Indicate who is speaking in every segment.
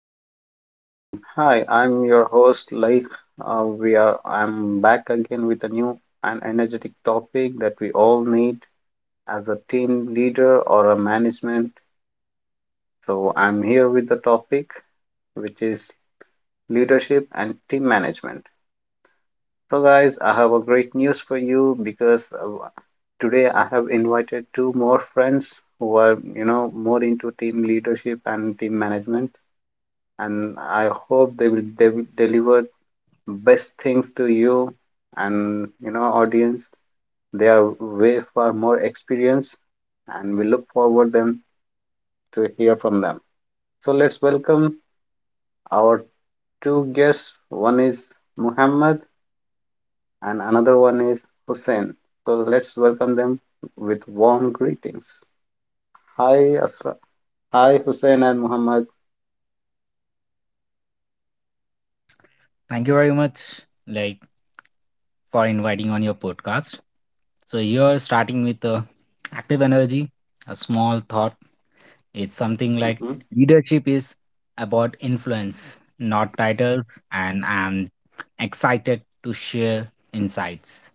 Speaker 1: Hello, team. Hi, I'm your host, Laik. We are. I'm back again with a new and energetic topic that we all need as a team leader or a management. So I'm here with the topic, which is leadership and team management. So, guys, I have a great news for you because today I have invited two more friends who are, you know, more into team leadership and team management. And I hope they will deliver best things to you and, you know, audience, they are way far more experienced and we look forward them to hear from them. So let's welcome our two guests. One is Muhammad and another one is Hussein. So let's welcome them with warm greetings. hi Asra- Hi, Hussein and Muhammad.
Speaker 2: Thank you very much, like, for inviting on your podcast. So you're starting with active energy, a small thought. It's something like
Speaker 1: Mhm.
Speaker 2: leadership is about influence, not titles, and I'm excited to share insights.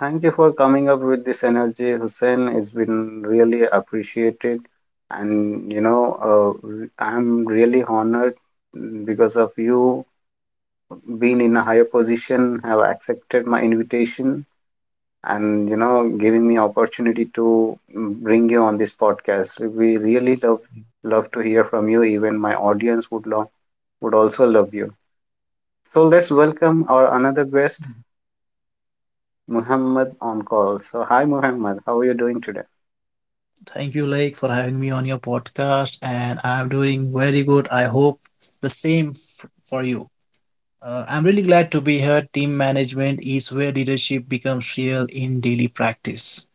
Speaker 1: Thank you for coming up with this energy, Hussein. It's been really appreciated, and uh, I'm really honored because of you being in a higher position, have accepted my invitation, and, you know, giving me opportunity to bring you on this podcast. We really love to hear from you. Even my audience would love would also love you. So let's welcome our another guest, Muhammad, on call. So hi, Muhammad. How are you doing today?
Speaker 3: Thank you, Lake, for having me on your podcast, and I'm doing very good. I hope the for you. I'm really glad to be here. Team management is where leadership becomes real in daily practice.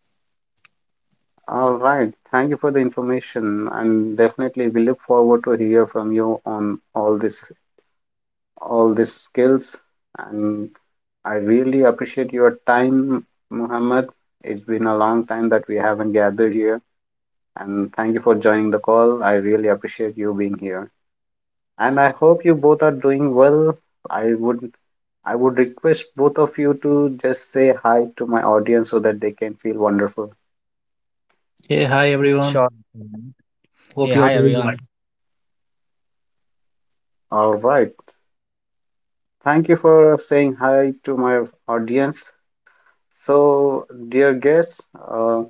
Speaker 1: All right. Thank you for the information, and definitely we look forward to hear from you on all this all these skills. And I really appreciate your time, Muhammad. It's been a long time that we haven't gathered here, and thank you for joining the call. I really appreciate you being here, and I hope you both are doing well. I would I would request both of you to just say hi to my audience so that they can feel wonderful.
Speaker 3: Hey, hi
Speaker 2: Sure.
Speaker 3: everyone.
Speaker 2: Mhm. Hey,
Speaker 3: Hope
Speaker 2: hi
Speaker 3: you're doing well.
Speaker 2: everyone.
Speaker 1: All right. Thank you for saying hi to my audience. So, dear guests,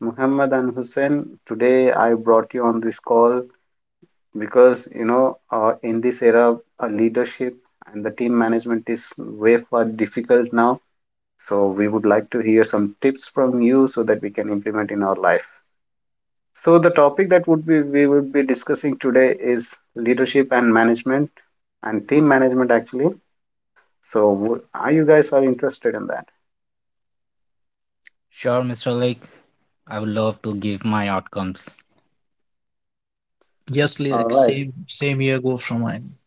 Speaker 1: Muhammad and Hussein, today I brought you on this call because in this era, leadership and the team management is way far difficult now. So, we would like to hear some tips from you so that we can implement in our life. So, the topic that would be we would be discussing today is leadership and management and team management actually. So, are you guys are interested in that?
Speaker 2: Sure, Mr. Lake. I would love to give my outcomes.
Speaker 3: Yes,
Speaker 1: All
Speaker 3: Lake,
Speaker 1: right,
Speaker 3: same here. Go from mine.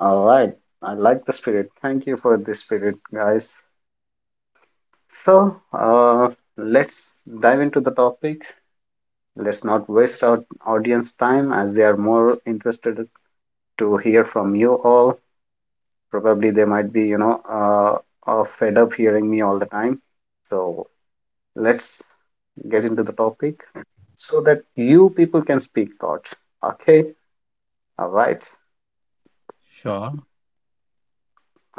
Speaker 1: all right. I like the spirit. Thank you for the spirit, guys. So, let's dive into the topic. Let's not waste our audience time as they are more interested to hear from you all. Probably they might be, you know, fed up hearing me all the time. So, let's get into the topic so that you people can speak thought. Okay, all right,
Speaker 2: Sure.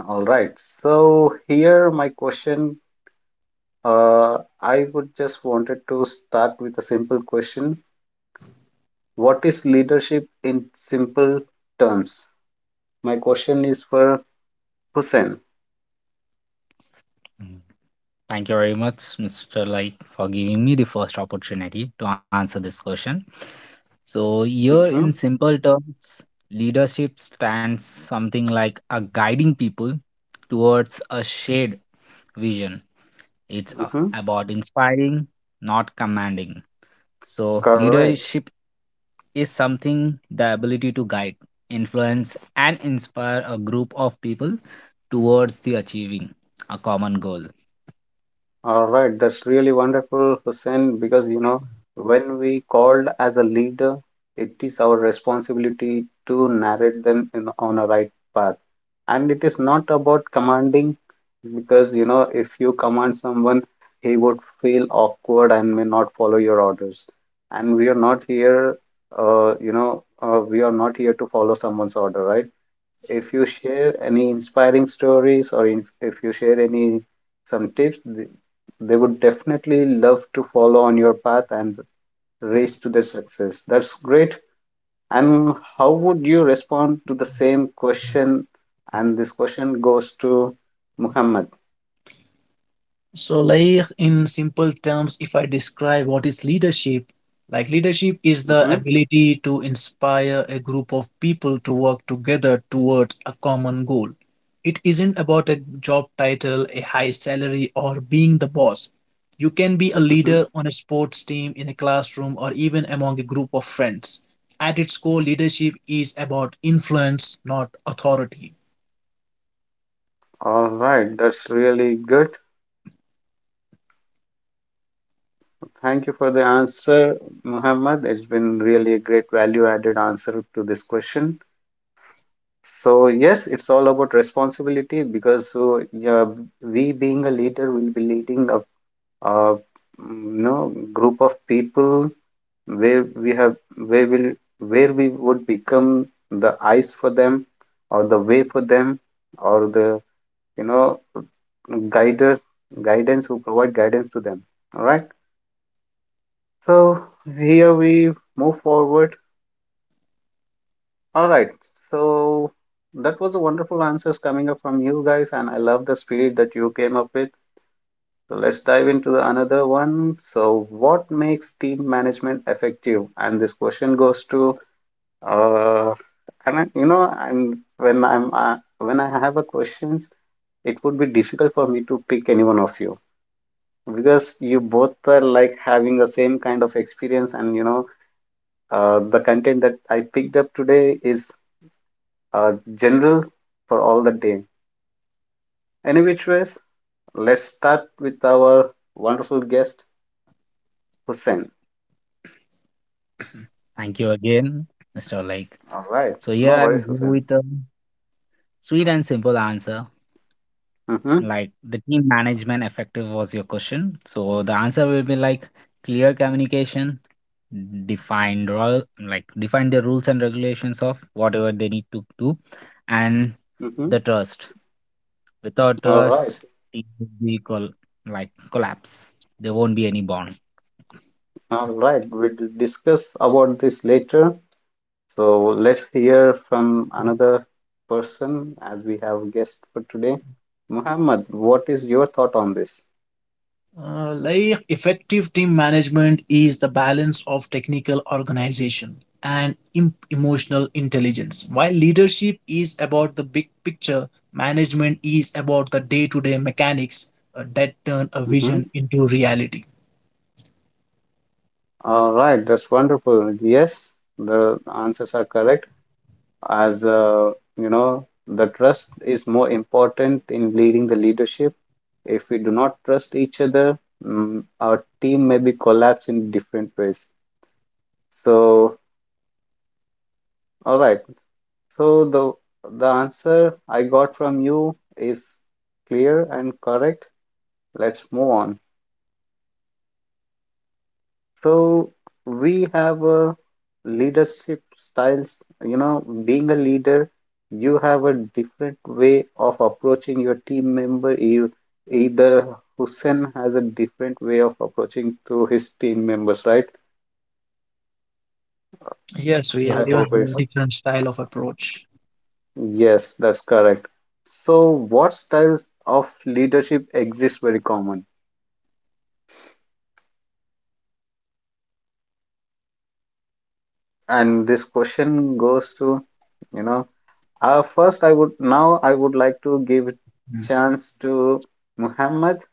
Speaker 1: all right. So, here my question I would just wanted to start with a simple question. What is leadership in simple terms? My question is for Hussein.
Speaker 2: Mm. Thank you very much, Mr. Lake, for giving me the first opportunity to answer this question. So here
Speaker 1: Mm-hmm,
Speaker 2: in simple terms, leadership stands something like a guiding people towards a shared vision. It's a-
Speaker 1: mm-hmm.
Speaker 2: about inspiring, not commanding. So
Speaker 1: Correct.
Speaker 2: leadership is something the ability to guide, influence, and inspire a group of people towards the achieving a common goal.
Speaker 1: All right, that's really wonderful, Hussein, because you know, when we called as a leader, it is our responsibility to narrate them on a right path. And it is not about commanding, because you know, if you command someone, he would feel awkward and may not follow your orders. And we are not here, we are not here to follow someone's order, right? If you share any inspiring stories if you share any some tips, they would definitely love to follow on your path and race to their success. That's great. And how would you respond to the same question? And this question goes to Muhammad.
Speaker 3: So, like, in simple terms, if I describe what is leadership, like, leadership is the
Speaker 1: Mm-hmm,
Speaker 3: ability to inspire a group of people to work together towards a common goal. It isn't about a job title, a high salary, or being the boss. You can be a
Speaker 1: mm-hmm.
Speaker 3: leader on a sports team, in a classroom, or even among a group of friends. At its core, leadership is about influence, not authority.
Speaker 1: All right, that's really good. Thank you for the answer, Muhammad. It's been really a great value added answer to this question. So yes, it's all about responsibility because so yeah, we being a leader will be leading a, mm, you know, group of people where we have where will where we would become the eyes for them or the way for them or the, you know, guiders guidance who provide guidance to them. All right. So here we move forward. All right. So that was a wonderful answers coming up from you guys, and I love the spirit that you came up with. So let's dive into the another one. So what makes team management effective? And this question goes to uh, and I mean, you know, I'm when I have a questions, it would be difficult for me to pick any one of you because you both are like having the same kind of experience, and the content that I picked up today is general for all the day. Any which ways, let's start with our wonderful guest, Hussein.
Speaker 2: Thank you again, Mr. Lake.
Speaker 1: All right,
Speaker 2: So
Speaker 1: no
Speaker 2: here I
Speaker 1: worries,
Speaker 2: will go
Speaker 1: Hussein.
Speaker 2: with a sweet and simple answer,
Speaker 1: Mm-hmm.
Speaker 2: like the team management effective was your question, so the answer will be like clear communication, defined role, like define the rules and regulations of whatever they need to do, and
Speaker 1: Mm-hmm.
Speaker 2: the trust. Without
Speaker 1: All right,
Speaker 2: trust, team will be like collapse, there won't be any bond.
Speaker 1: all right. We'll discuss about this later. So let's hear from another person as we have guest for today. Muhammad, what is your thought on this?
Speaker 3: Like effective team management is the balance of technical organization and emotional intelligence. While leadership is about the big picture, management is about the day to day mechanics that turn a
Speaker 1: Mm-hmm.
Speaker 3: vision into reality.
Speaker 1: All right, that's wonderful. Yes, the answers are correct. As you know, the trust is more important in leading the leadership. If we do not trust each other, mm, our team may be collapsed in different ways. So all right, so the answer I got from you is clear and correct. Let's move on. So we have a leadership styles. You know, being a leader, you have a different way of approaching your team member. You either Hussein has a different way of approaching to his team members, right?
Speaker 3: Yes, we
Speaker 1: I
Speaker 2: Yes,
Speaker 3: everyone
Speaker 2: sir.
Speaker 1: hope
Speaker 3: have
Speaker 1: it's
Speaker 3: different style of approach.
Speaker 1: Yes, that's correct. So what styles of leadership exist very common? And this question goes to, you know, first, I would now I would like to give
Speaker 3: Mm.
Speaker 1: chance to Muhammad.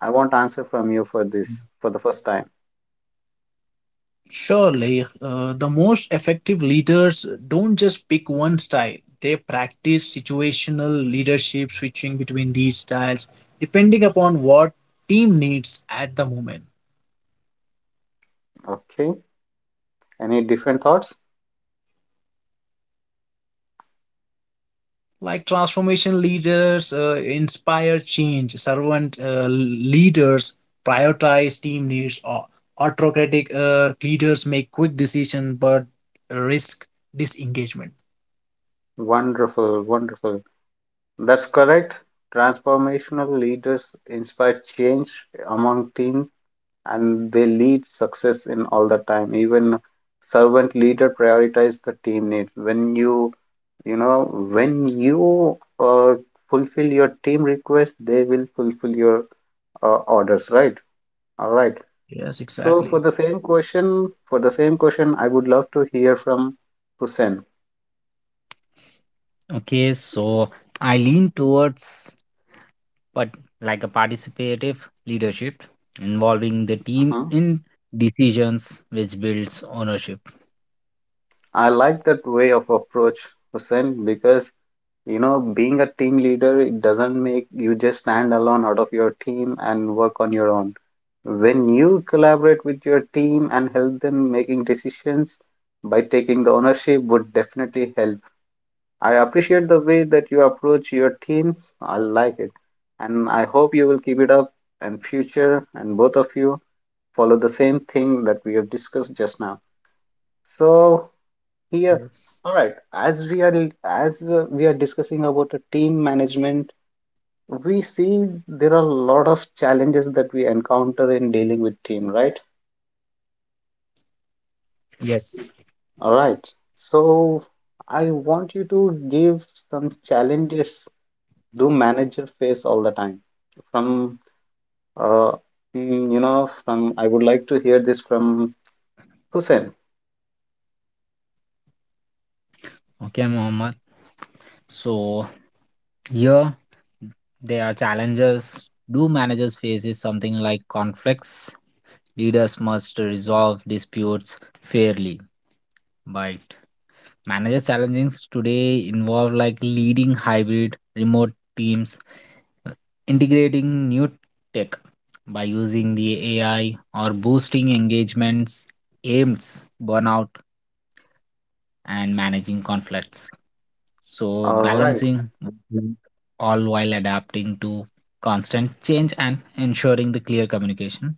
Speaker 1: I want answer from you for this for the first time.
Speaker 3: Surely, the most effective leaders don't just pick one style. They practice situational leadership, switching between these styles depending upon what team needs at the moment.
Speaker 1: Okay. Any different thoughts?
Speaker 3: Like, transformation leaders inspire change, servant leaders prioritize team needs, or autocratic leaders make quick decisions but risk disengagement.
Speaker 1: Wonderful, wonderful. That's correct. Transformational leaders inspire change among team and they lead success in all the time. Even servant leader prioritize the team needs. You know, when you fulfill your team request, they will fulfill your orders, right? All right.
Speaker 3: Yes,
Speaker 1: So for
Speaker 3: exactly.
Speaker 1: the same question, I would love to hear from Hussein.
Speaker 2: Okay, so I lean towards, but like a participative leadership, involving the team
Speaker 1: uh
Speaker 2: in decisions which builds ownership.
Speaker 1: I like that way of approach, Hussein, because you know, being a team leader, it doesn't make you just stand alone out of your team and work on your own. When you collaborate with your team and help them making decisions by taking the ownership would definitely help. I appreciate the way that you approach your team. I like it, and I hope you will keep it up in future, and both of you follow the same thing that we have discussed just now. So here,
Speaker 2: Yes.
Speaker 1: all right, as we are discussing about a team management. We see there are a lot of challenges that we encounter in dealing with team, right?
Speaker 2: Yes.
Speaker 1: All right. So I want you to give some challenges do manager face all the time from uh you know, from I would like to hear this from Hussein.
Speaker 2: Okay, Mohammed. So here there are challenges. Do managers faces something like conflicts? Leaders must resolve disputes fairly. But managers challenges today involve like leading hybrid remote teams, integrating new tech by using the AI, or boosting engagements, aims, burnout, and managing conflicts. So
Speaker 1: All right.
Speaker 2: balancing, mhm, all while adapting to constant change and ensuring the clear communication.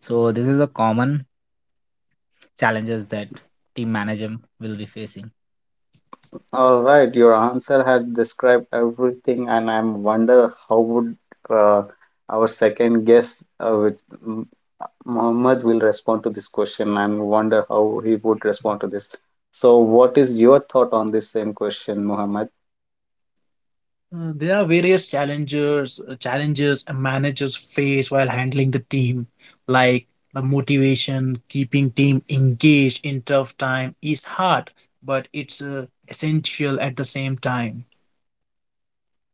Speaker 2: So this is a common challenges that team manager will be facing.
Speaker 1: All right. Your answer had described everything and I'm wonder how would uh, our second guest with M- Mohammed will respond to this question and wonder how he would respond to this. So what is your thought on this same question, Mohammed?
Speaker 3: There are various challenges a managers face while handling the team, like the motivation, keeping team engaged in tough time is hard, but it's essential at the same time.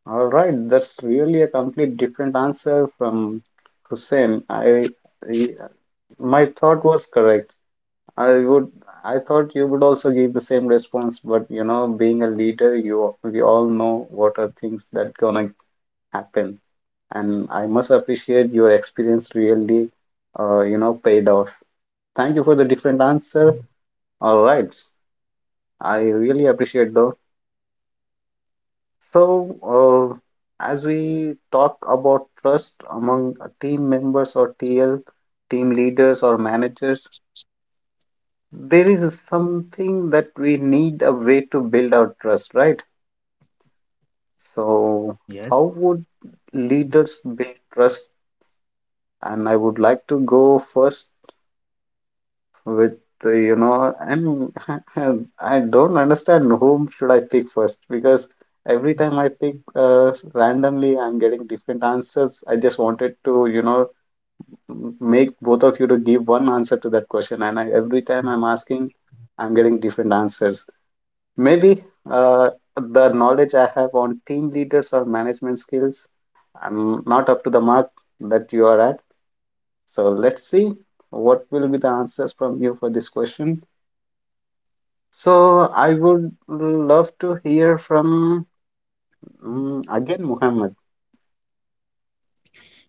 Speaker 1: All right, that's really a complete different answer from Hussein. I- my thought was correct. I would I thought you would also give the same response, but you know, being a leader, you we all know what are things that gonna happen, and I must appreciate your experience really, you know, paid off. Thank you for the different answer. All right, I really appreciate those. So, as we talk about trust among team members or TL, team leaders or managers, there is something that we need a way to build our trust, right? So,
Speaker 2: Yes.
Speaker 1: how would leaders build trust? And I would like to go first with you know, I'm I do not understand whom should I pick first because every time I pick randomly I'm getting different answers. I just wanted to, you know, make both of you to give one answer to that question, every time I'm asking I'm getting different answers. Maybe uh, the knowledge I have on team leaders or management skills I'm not up to the mark that you are at. So let's see what will be the answers from you for this question. So I would love to hear from again Muhammad.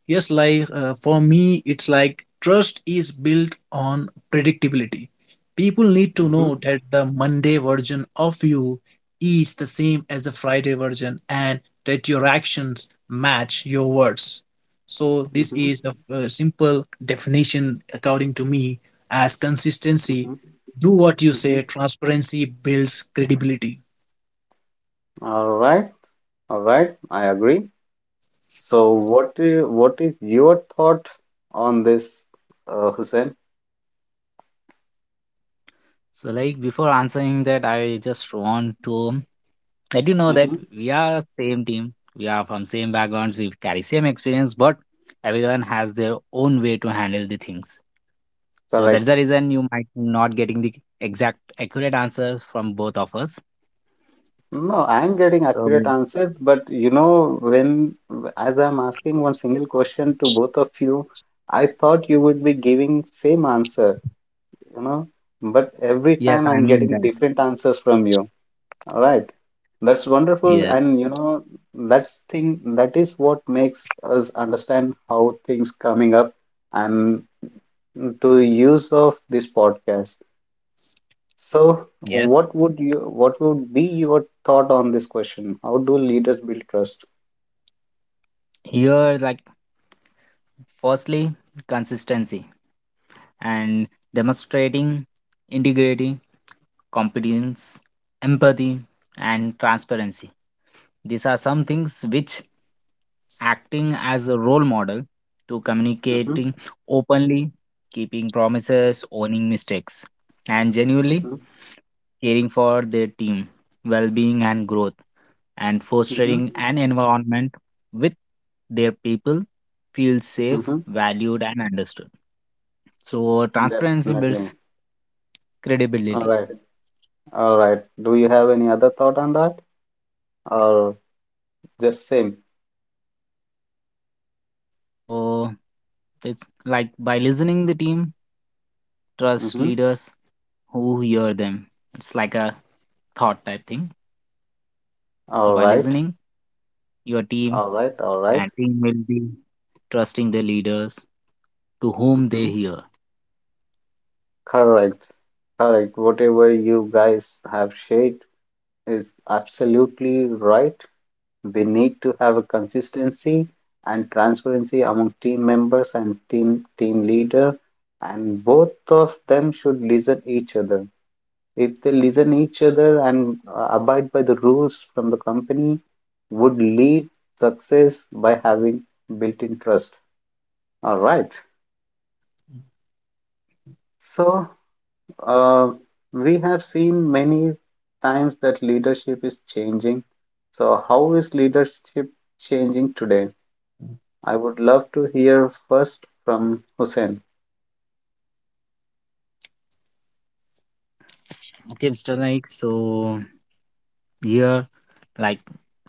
Speaker 3: Yes, like, for me, it's like trust is built on predictability. People need to
Speaker 1: Hmm
Speaker 3: know that the Monday version of you is the same as the Friday version and that your actions match your words. So, this
Speaker 1: hmm
Speaker 3: is a simple definition, according to me, as consistency.
Speaker 1: hmm
Speaker 3: Do what you say,
Speaker 1: hmm
Speaker 3: transparency builds credibility.
Speaker 1: All right, I agree. So what is your thought on this, Hussein?
Speaker 2: So like, before answering that, I just want to let you know that
Speaker 1: Hmm
Speaker 2: we are same team. We are from same backgrounds. We carry same experience, but everyone has their own way to handle the things. So that's
Speaker 1: Correct.
Speaker 2: the reason you might not getting the exact accurate answer from both of us.
Speaker 1: No, I'm getting
Speaker 2: So
Speaker 1: accurate answers, but you know, when as I'm asking one single question to both of you, I thought you would be giving same answer, you know, but every
Speaker 2: yes,
Speaker 1: time
Speaker 2: I
Speaker 1: I'm
Speaker 2: mean
Speaker 1: getting
Speaker 2: that.
Speaker 1: different answers from you. All right, that's wonderful,
Speaker 2: Yes,
Speaker 1: and you know that's thing that is what makes us understand how things coming up and to use of this podcast. So,
Speaker 2: yes.
Speaker 1: what would be your thought on this question? How do leaders build trust?
Speaker 2: Here, like, firstly, consistency and demonstrating integrity, competence, empathy, and transparency. These are some things which acting as a role model, to
Speaker 1: Mm-hmm,
Speaker 2: communicating openly, keeping promises, owning mistakes, and genuinely
Speaker 1: mm-hmm,
Speaker 2: caring for their team, well being, and growth, and fostering
Speaker 1: mm-hmm,
Speaker 2: an environment with their people feel safe,
Speaker 1: mm-hmm.
Speaker 2: valued, and understood. So transparency
Speaker 1: Definitely.
Speaker 2: builds
Speaker 1: All
Speaker 2: credibility.
Speaker 1: right, all right. Do you have any other thought on that, or just same?
Speaker 2: So it's like by listening the team, trust
Speaker 1: Mm-hmm.
Speaker 2: leaders who hear them. It's like a thought type thing. So
Speaker 1: All
Speaker 2: by
Speaker 1: right,
Speaker 2: listening your team,
Speaker 1: all right, all right.
Speaker 2: and team will be trusting the leaders to whom they
Speaker 1: Mm-hmm.
Speaker 2: hear.
Speaker 1: Correct, correct. Whatever you guys have shared is absolutely right. We need to have a consistency and transparency among team members and team leader, and both of them should listen each other. If they listen each other and abide by the rules from the company, would lead success by having built-in trust. All right. So Uh, we have seen many times that leadership is changing. So, how is leadership changing today? I would love to hear first from Hussein.
Speaker 2: Okay, Mr. like So here, like,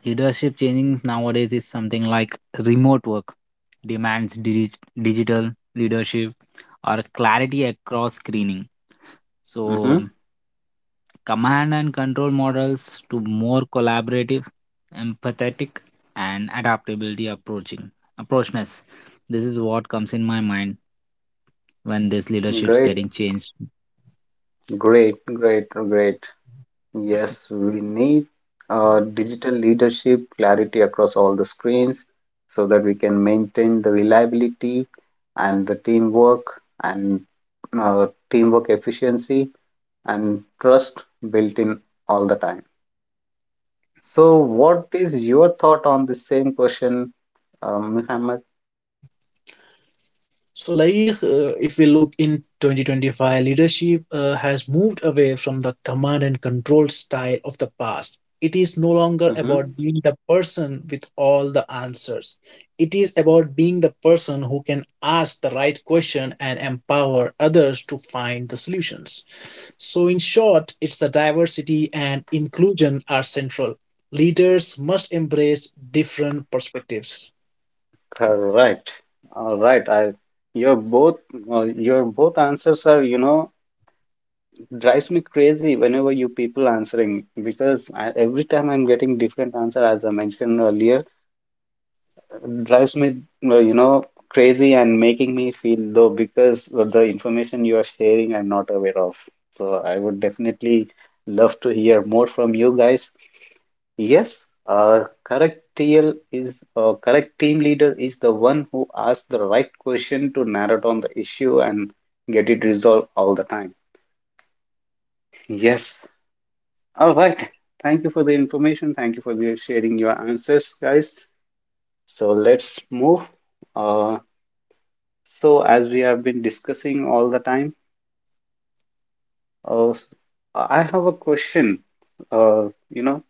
Speaker 2: leadership changing nowadays is something like remote work demands digital leadership, or clarity across screening, so
Speaker 1: Hmm.
Speaker 2: command and control models to more collaborative, empathetic, and adaptability approaching approachness. This is what comes in my mind when this leadership's
Speaker 1: Great,
Speaker 2: getting changed.
Speaker 1: great, great, great. Yes, we need digital leadership clarity across all the screens so that we can maintain the reliability and the teamwork and teamwork efficiency and trust built in all the time. So, what is your thought on the same question, Muhammad?
Speaker 3: So, like, if we look in 2025, leadership has moved away from the command and control style of the past. It is no longer
Speaker 1: Hmm.
Speaker 3: about being the person with all the answers. It is about being the person who can ask the right question and empower others to find the solutions. So, in short, it's the diversity and inclusion are central. Leaders must embrace different perspectives.
Speaker 1: Correct. All right. I your both your both answers are you know drives me crazy whenever you people answering because I, every time I'm getting different answer as I mentioned earlier. Drives me, you know, crazy and making me feel low because of the information you are sharing, I'm not aware of. So I would definitely love to hear more from you guys. Yes, correct TL is correct team leader is the one who asks the right question to narrow down the issue and get it resolved all the time. Yes. All right. Thank you for the information. Thank you for sharing your answers, guys. So let's move. Uh. So, as we have been discussing all the time, uh, I have a question. You know,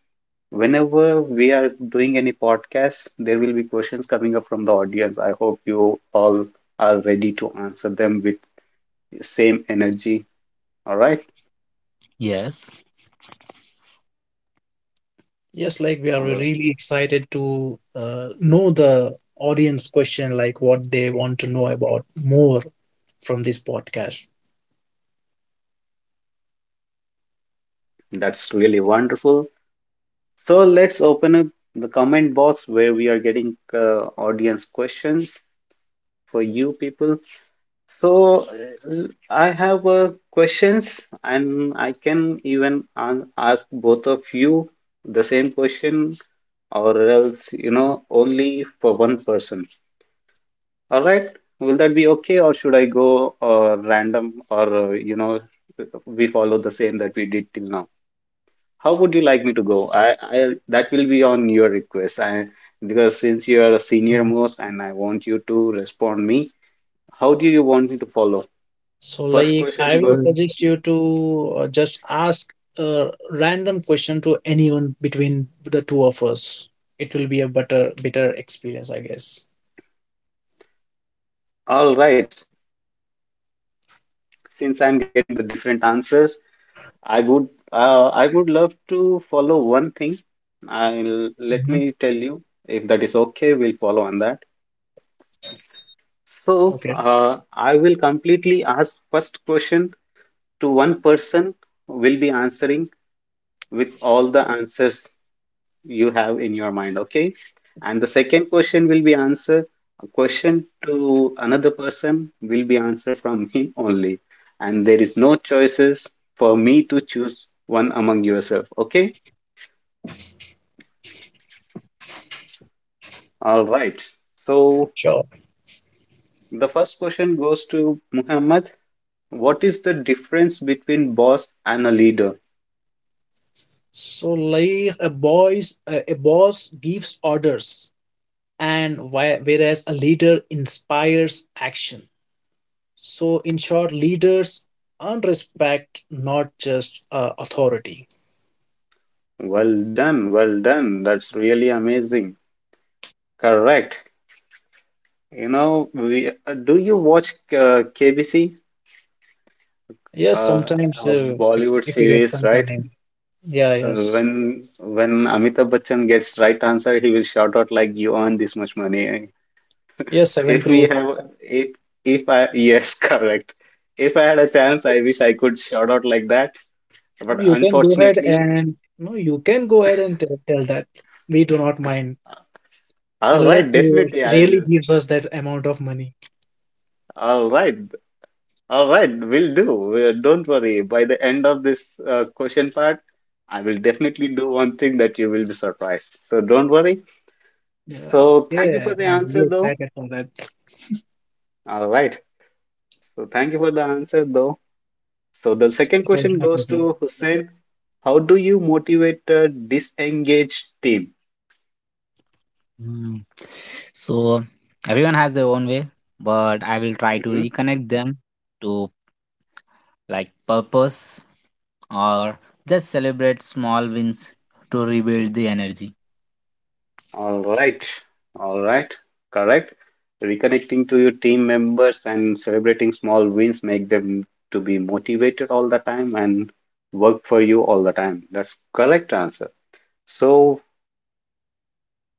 Speaker 1: whenever we are doing any podcast, there will be questions coming up from the audience. I hope you all are ready to answer them with same energy. All right,
Speaker 2: Yes.
Speaker 3: Yes, like, we are
Speaker 1: uh,
Speaker 3: really excited to know the audience question, like what they want to know about more from this podcast.
Speaker 1: that's really wonderful. So, let's open up the comment box where we are getting audience questions for you people. So I have questions, and I can even ask both of you the same question, or else, you know, only for one person. All right? Will that be okay, or should I go random, or you know, we follow the same that we did till now? How would you like me to go? I, that will be on your request. I because since you are a senior
Speaker 3: Mhm.
Speaker 1: most, and I want you to respond me. How do you want me to follow?
Speaker 3: So,
Speaker 1: First
Speaker 3: like, I
Speaker 1: question
Speaker 3: will
Speaker 1: go.
Speaker 3: suggest you to just ask a random question to anyone between the two of us. It will be a better experience, I guess.
Speaker 1: All right. Since I'm getting the different answers, I would love to follow one thing. I'll let
Speaker 3: Mhm.
Speaker 1: me tell you if that is okay, we'll follow on that. So
Speaker 3: Okay,
Speaker 1: I will completely ask first question to one person who will be answering with all the answers you have in your mind, okay, and the second question will be answered, a question to another person will be answered from me only, and there is no choices for me to choose one among yourself, okay, all right. So
Speaker 3: sure.
Speaker 1: the first question goes to Muhammad. What is the difference between boss and a leader?
Speaker 3: So, like, a boss gives orders, and why, whereas a leader inspires action. So, in short, leaders earn respect, not just authority.
Speaker 1: Well done, well done, that's really amazing. Correct. You know we do you watch KBC,
Speaker 3: Yes,
Speaker 1: uh,
Speaker 3: sometimes
Speaker 1: a
Speaker 3: if
Speaker 1: Bollywood
Speaker 3: if we get
Speaker 1: series,
Speaker 3: some
Speaker 1: right?
Speaker 3: time, yeah,
Speaker 1: Uh,
Speaker 3: yes,
Speaker 1: when Amitabh Bachchan gets right answer, he will shout out like, "You earn this much money."
Speaker 3: yes, seven
Speaker 1: If we
Speaker 3: crores.
Speaker 1: have, if if I yes, correct. If I had a chance, I wish I could shout out like that.
Speaker 3: No,
Speaker 1: But
Speaker 3: you can go ahead
Speaker 1: unfortunately,
Speaker 3: and no, you can go ahead and tell, that we do not mind
Speaker 1: all right,
Speaker 3: unless you
Speaker 1: definitely I
Speaker 3: really
Speaker 1: will.
Speaker 3: give us that amount of money.
Speaker 1: All right, all right, will do. Don't worry. By the end of this question part, I will definitely do one thing that you will be surprised. So don't worry.
Speaker 3: Yeah,
Speaker 1: So thank you
Speaker 3: okay,
Speaker 1: for the
Speaker 3: I'm
Speaker 1: answer,
Speaker 3: really
Speaker 1: though.
Speaker 3: excited for that.
Speaker 1: All right. So thank you for the answer, though. So the second
Speaker 3: It was
Speaker 1: question
Speaker 3: my
Speaker 1: goes
Speaker 3: pleasure.
Speaker 1: to Hussein. How do you motivate a disengaged team?
Speaker 2: Mm. So everyone has their own way, but I will try to
Speaker 1: Hmm.
Speaker 2: reconnect them to like purpose, or just celebrate small wins to rebuild the energy.
Speaker 1: All right. All right. Correct. Reconnecting to your team members and celebrating small wins make them to be motivated all the time and work for you all the time. That's correct answer. So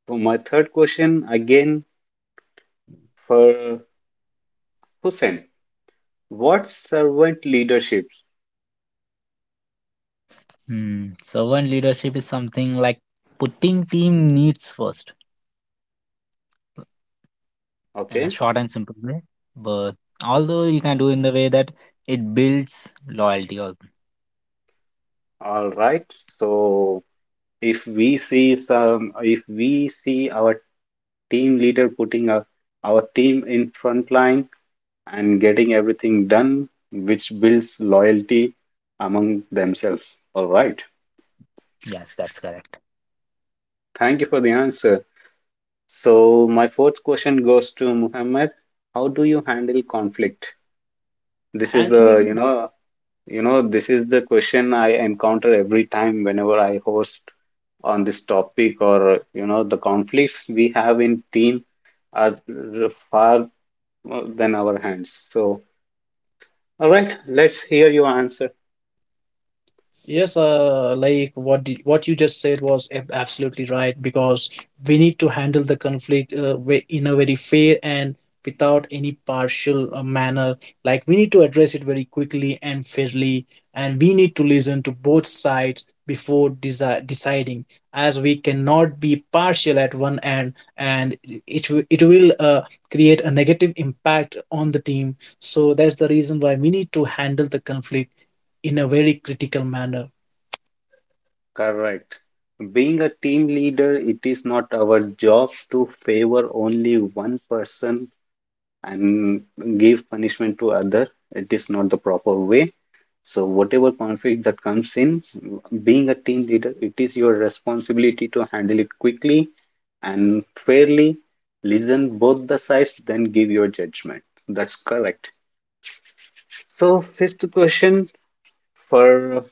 Speaker 1: for my third question again for Hussein. What servant leadership?
Speaker 2: Hmm. Servant leadership is something like putting team needs first in a
Speaker 1: Okay.
Speaker 2: short and simple way. But although you can do in the way that it builds loyalty. Also.
Speaker 1: All right. So if we see some, if we see our team leader putting our team in front line and getting everything done, which builds loyalty among themselves. All right.
Speaker 2: Yes, that's correct.
Speaker 1: Thank you for the answer. So my fourth question goes to Muhammad. How do you handle conflict? This is the,
Speaker 3: Handling.
Speaker 1: you know, this is the question I encounter every time whenever I host on this topic, or you know the conflicts we have in team are far than our hands, so all right, let's hear your answer.
Speaker 3: Yes, like, what you just said was absolutely right because we need to handle the conflict in a very fair and without any partial manner. Like, we need to address it very quickly and fairly, and we need to listen to both sides before deciding, as we cannot be partial at one end, and it will create a negative impact on the team. So that's the reason why we need to handle the conflict in a very critical manner.
Speaker 1: Correct. Being a team leader it is not our job to favor only one person and give punishment to other. It is not the proper way. So whatever conflict that comes in, being a team leader, it is your responsibility to handle it quickly and fairly, listen both the sides, then give your judgment. That's correct. So fifth question for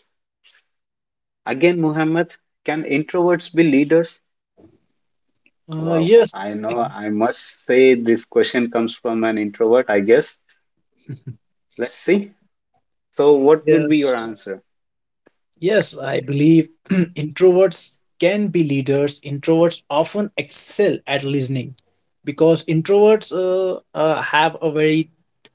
Speaker 1: again Muhammad, can introverts be leaders?
Speaker 3: Uh,
Speaker 1: Wow,
Speaker 3: yes,
Speaker 1: I know I must say this question comes from an introvert, I guess. Let's see. So what would be your
Speaker 3: yes.
Speaker 1: answer?
Speaker 3: Yes, I believe introverts can be leaders. Introverts often excel at listening because introverts have a very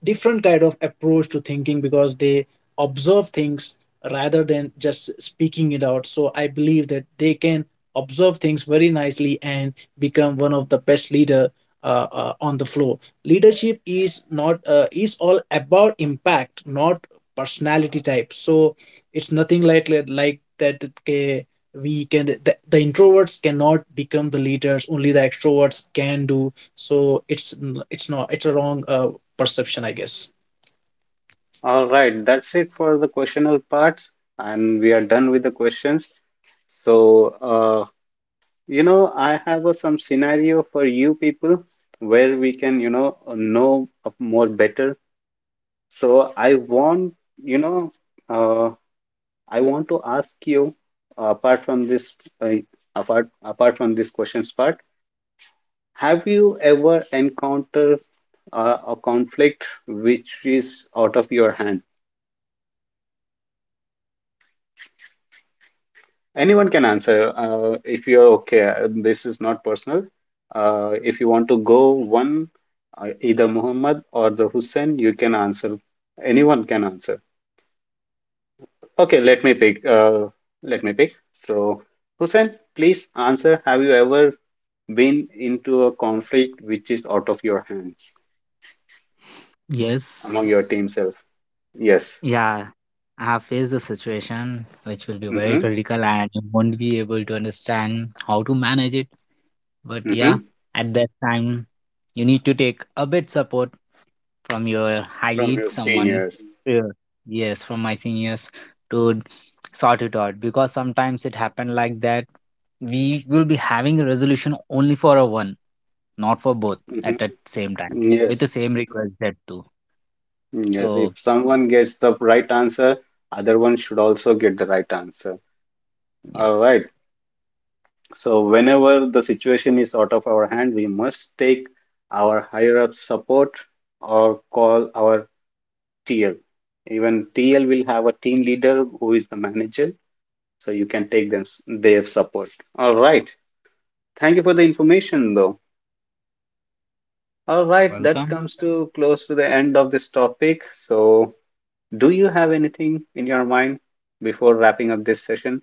Speaker 3: different kind of approach to thinking because they observe things rather than just speaking it out. So I believe that they can observe things very nicely and become one of the best leader on the floor. Leadership is not is all about impact, not personality type. So it's nothing like that, okay, we can the introverts cannot become the leaders, only the extroverts can do. So it's not, it's a wrong perception, I guess.
Speaker 1: All right, that's it for the questional part and we are done with the questions. So, you know, I have a, some scenario for you people where we can, you know of more better. So, I want, you know, uh, I want to ask you, apart from this, uh, apart from this questions part, have you ever encountered a conflict which is out of your hand? Anyone can answer if you're okay. This is not personal. If you want to go one, either Muhammad or the Hussein, you can answer. Anyone can answer. Okay, let me pick. Let me pick. So, Hussein, please answer. Have you ever been into a conflict which is out of your hands
Speaker 2: Yes.
Speaker 1: among your team self? Yes.
Speaker 2: Yeah. I have faced the situation which will be very
Speaker 1: Mm-hmm.
Speaker 2: critical and you won't be able to understand how to manage it. But yeah,
Speaker 1: Mm-hmm.
Speaker 2: at that time, you need to take a bit support from your high
Speaker 1: From
Speaker 2: lead
Speaker 1: your
Speaker 2: someone.
Speaker 1: seniors.
Speaker 2: Yeah. Yes, from my seniors to sort it out, because sometimes it happened like that we will be having a resolution only for a one, not for both at
Speaker 1: Mm-hmm.
Speaker 2: the same time, with the
Speaker 1: Yes.
Speaker 2: same request that too.
Speaker 1: Mm, yes,
Speaker 2: So
Speaker 1: if someone gets the right answer, other one should also get the right answer. All
Speaker 2: yes,
Speaker 1: right. So whenever the situation is out of our hand, we must take our higher up support or call our TL. Even TL will have a team leader who is the manager, so you can take them their support. All right. Thank you for the information, though. All
Speaker 2: you're
Speaker 1: right, that
Speaker 2: welcome.
Speaker 1: comes to close to the end of this topic. So, do you have anything in your mind before wrapping up this session?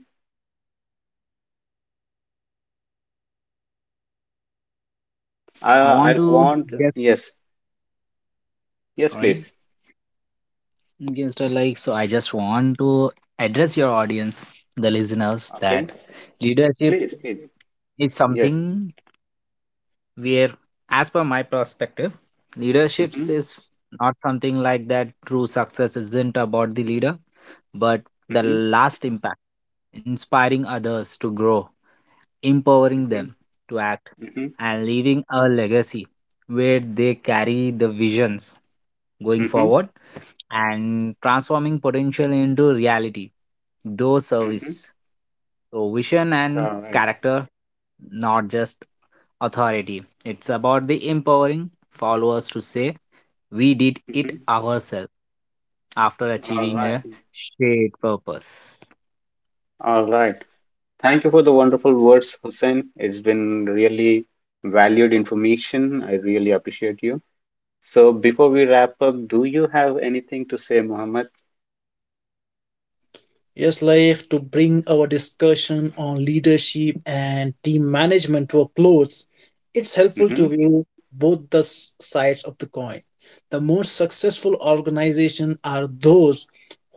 Speaker 2: I want
Speaker 1: I
Speaker 2: to,
Speaker 1: want,
Speaker 2: yes,
Speaker 1: yes, yes,
Speaker 2: sorry,
Speaker 1: please.
Speaker 2: just like, so I just want to address your audience, the listeners, that
Speaker 1: Okay,
Speaker 2: leadership
Speaker 1: please, please.
Speaker 2: is
Speaker 1: Yes.
Speaker 2: something where, as per my perspective, leaderships
Speaker 1: Mm-hmm.
Speaker 2: is not something like that true success isn't about the leader, but the
Speaker 1: Mm-hmm.
Speaker 2: last impact, inspiring others to grow, empowering
Speaker 1: Mm-hmm.
Speaker 2: them to act,
Speaker 1: Mm-hmm.
Speaker 2: and leaving a legacy where they carry the visions going
Speaker 1: Mm-hmm.
Speaker 2: forward, and transforming potential into reality through
Speaker 1: Mm-hmm.
Speaker 2: service. So vision and
Speaker 1: All right.
Speaker 2: character, not just authority. It's about the empowering followers to say, we did it
Speaker 1: Mm-hmm.
Speaker 2: ourselves after
Speaker 1: All
Speaker 2: achieving
Speaker 1: right.
Speaker 2: a shared purpose.
Speaker 1: All right. Thank you for the wonderful words, Hussein. It's been really valued information. I really appreciate you. So before we wrap up, do you have anything to say, Mohammed?
Speaker 3: Yes, like, to bring our discussion on leadership and team management to a close, it's helpful to
Speaker 1: Mm-hmm.
Speaker 3: view both the sides of the coin. The most successful organizations are those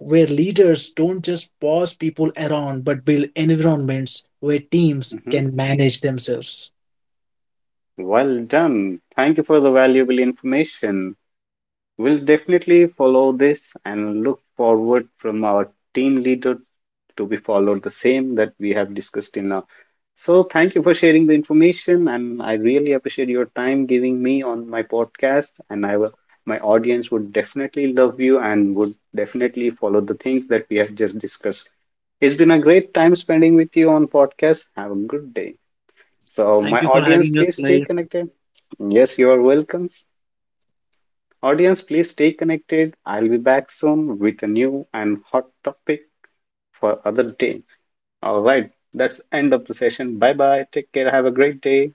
Speaker 3: where leaders don't just boss people around but build environments where teams
Speaker 1: Mm-hmm.
Speaker 3: can manage themselves.
Speaker 1: Well done. Thank you for the valuable information. We'll definitely follow this and look forward from our team leader to be followed the same that we have discussed in now. So thank you for sharing the information and I really appreciate your time giving me on my podcast and I will my audience would definitely love you and would definitely follow the things that we have just discussed. It's been a great time spending with you on podcast. Have a good day. So
Speaker 3: Thank
Speaker 1: my
Speaker 3: you for
Speaker 1: audience
Speaker 3: having us,
Speaker 1: please stay
Speaker 3: like.
Speaker 1: connected. Yes, you are welcome. Audience, please stay connected. I'll be back soon with a new and hot topic for other day. All right, that's end of the session. Bye bye. Take care. Have a great day.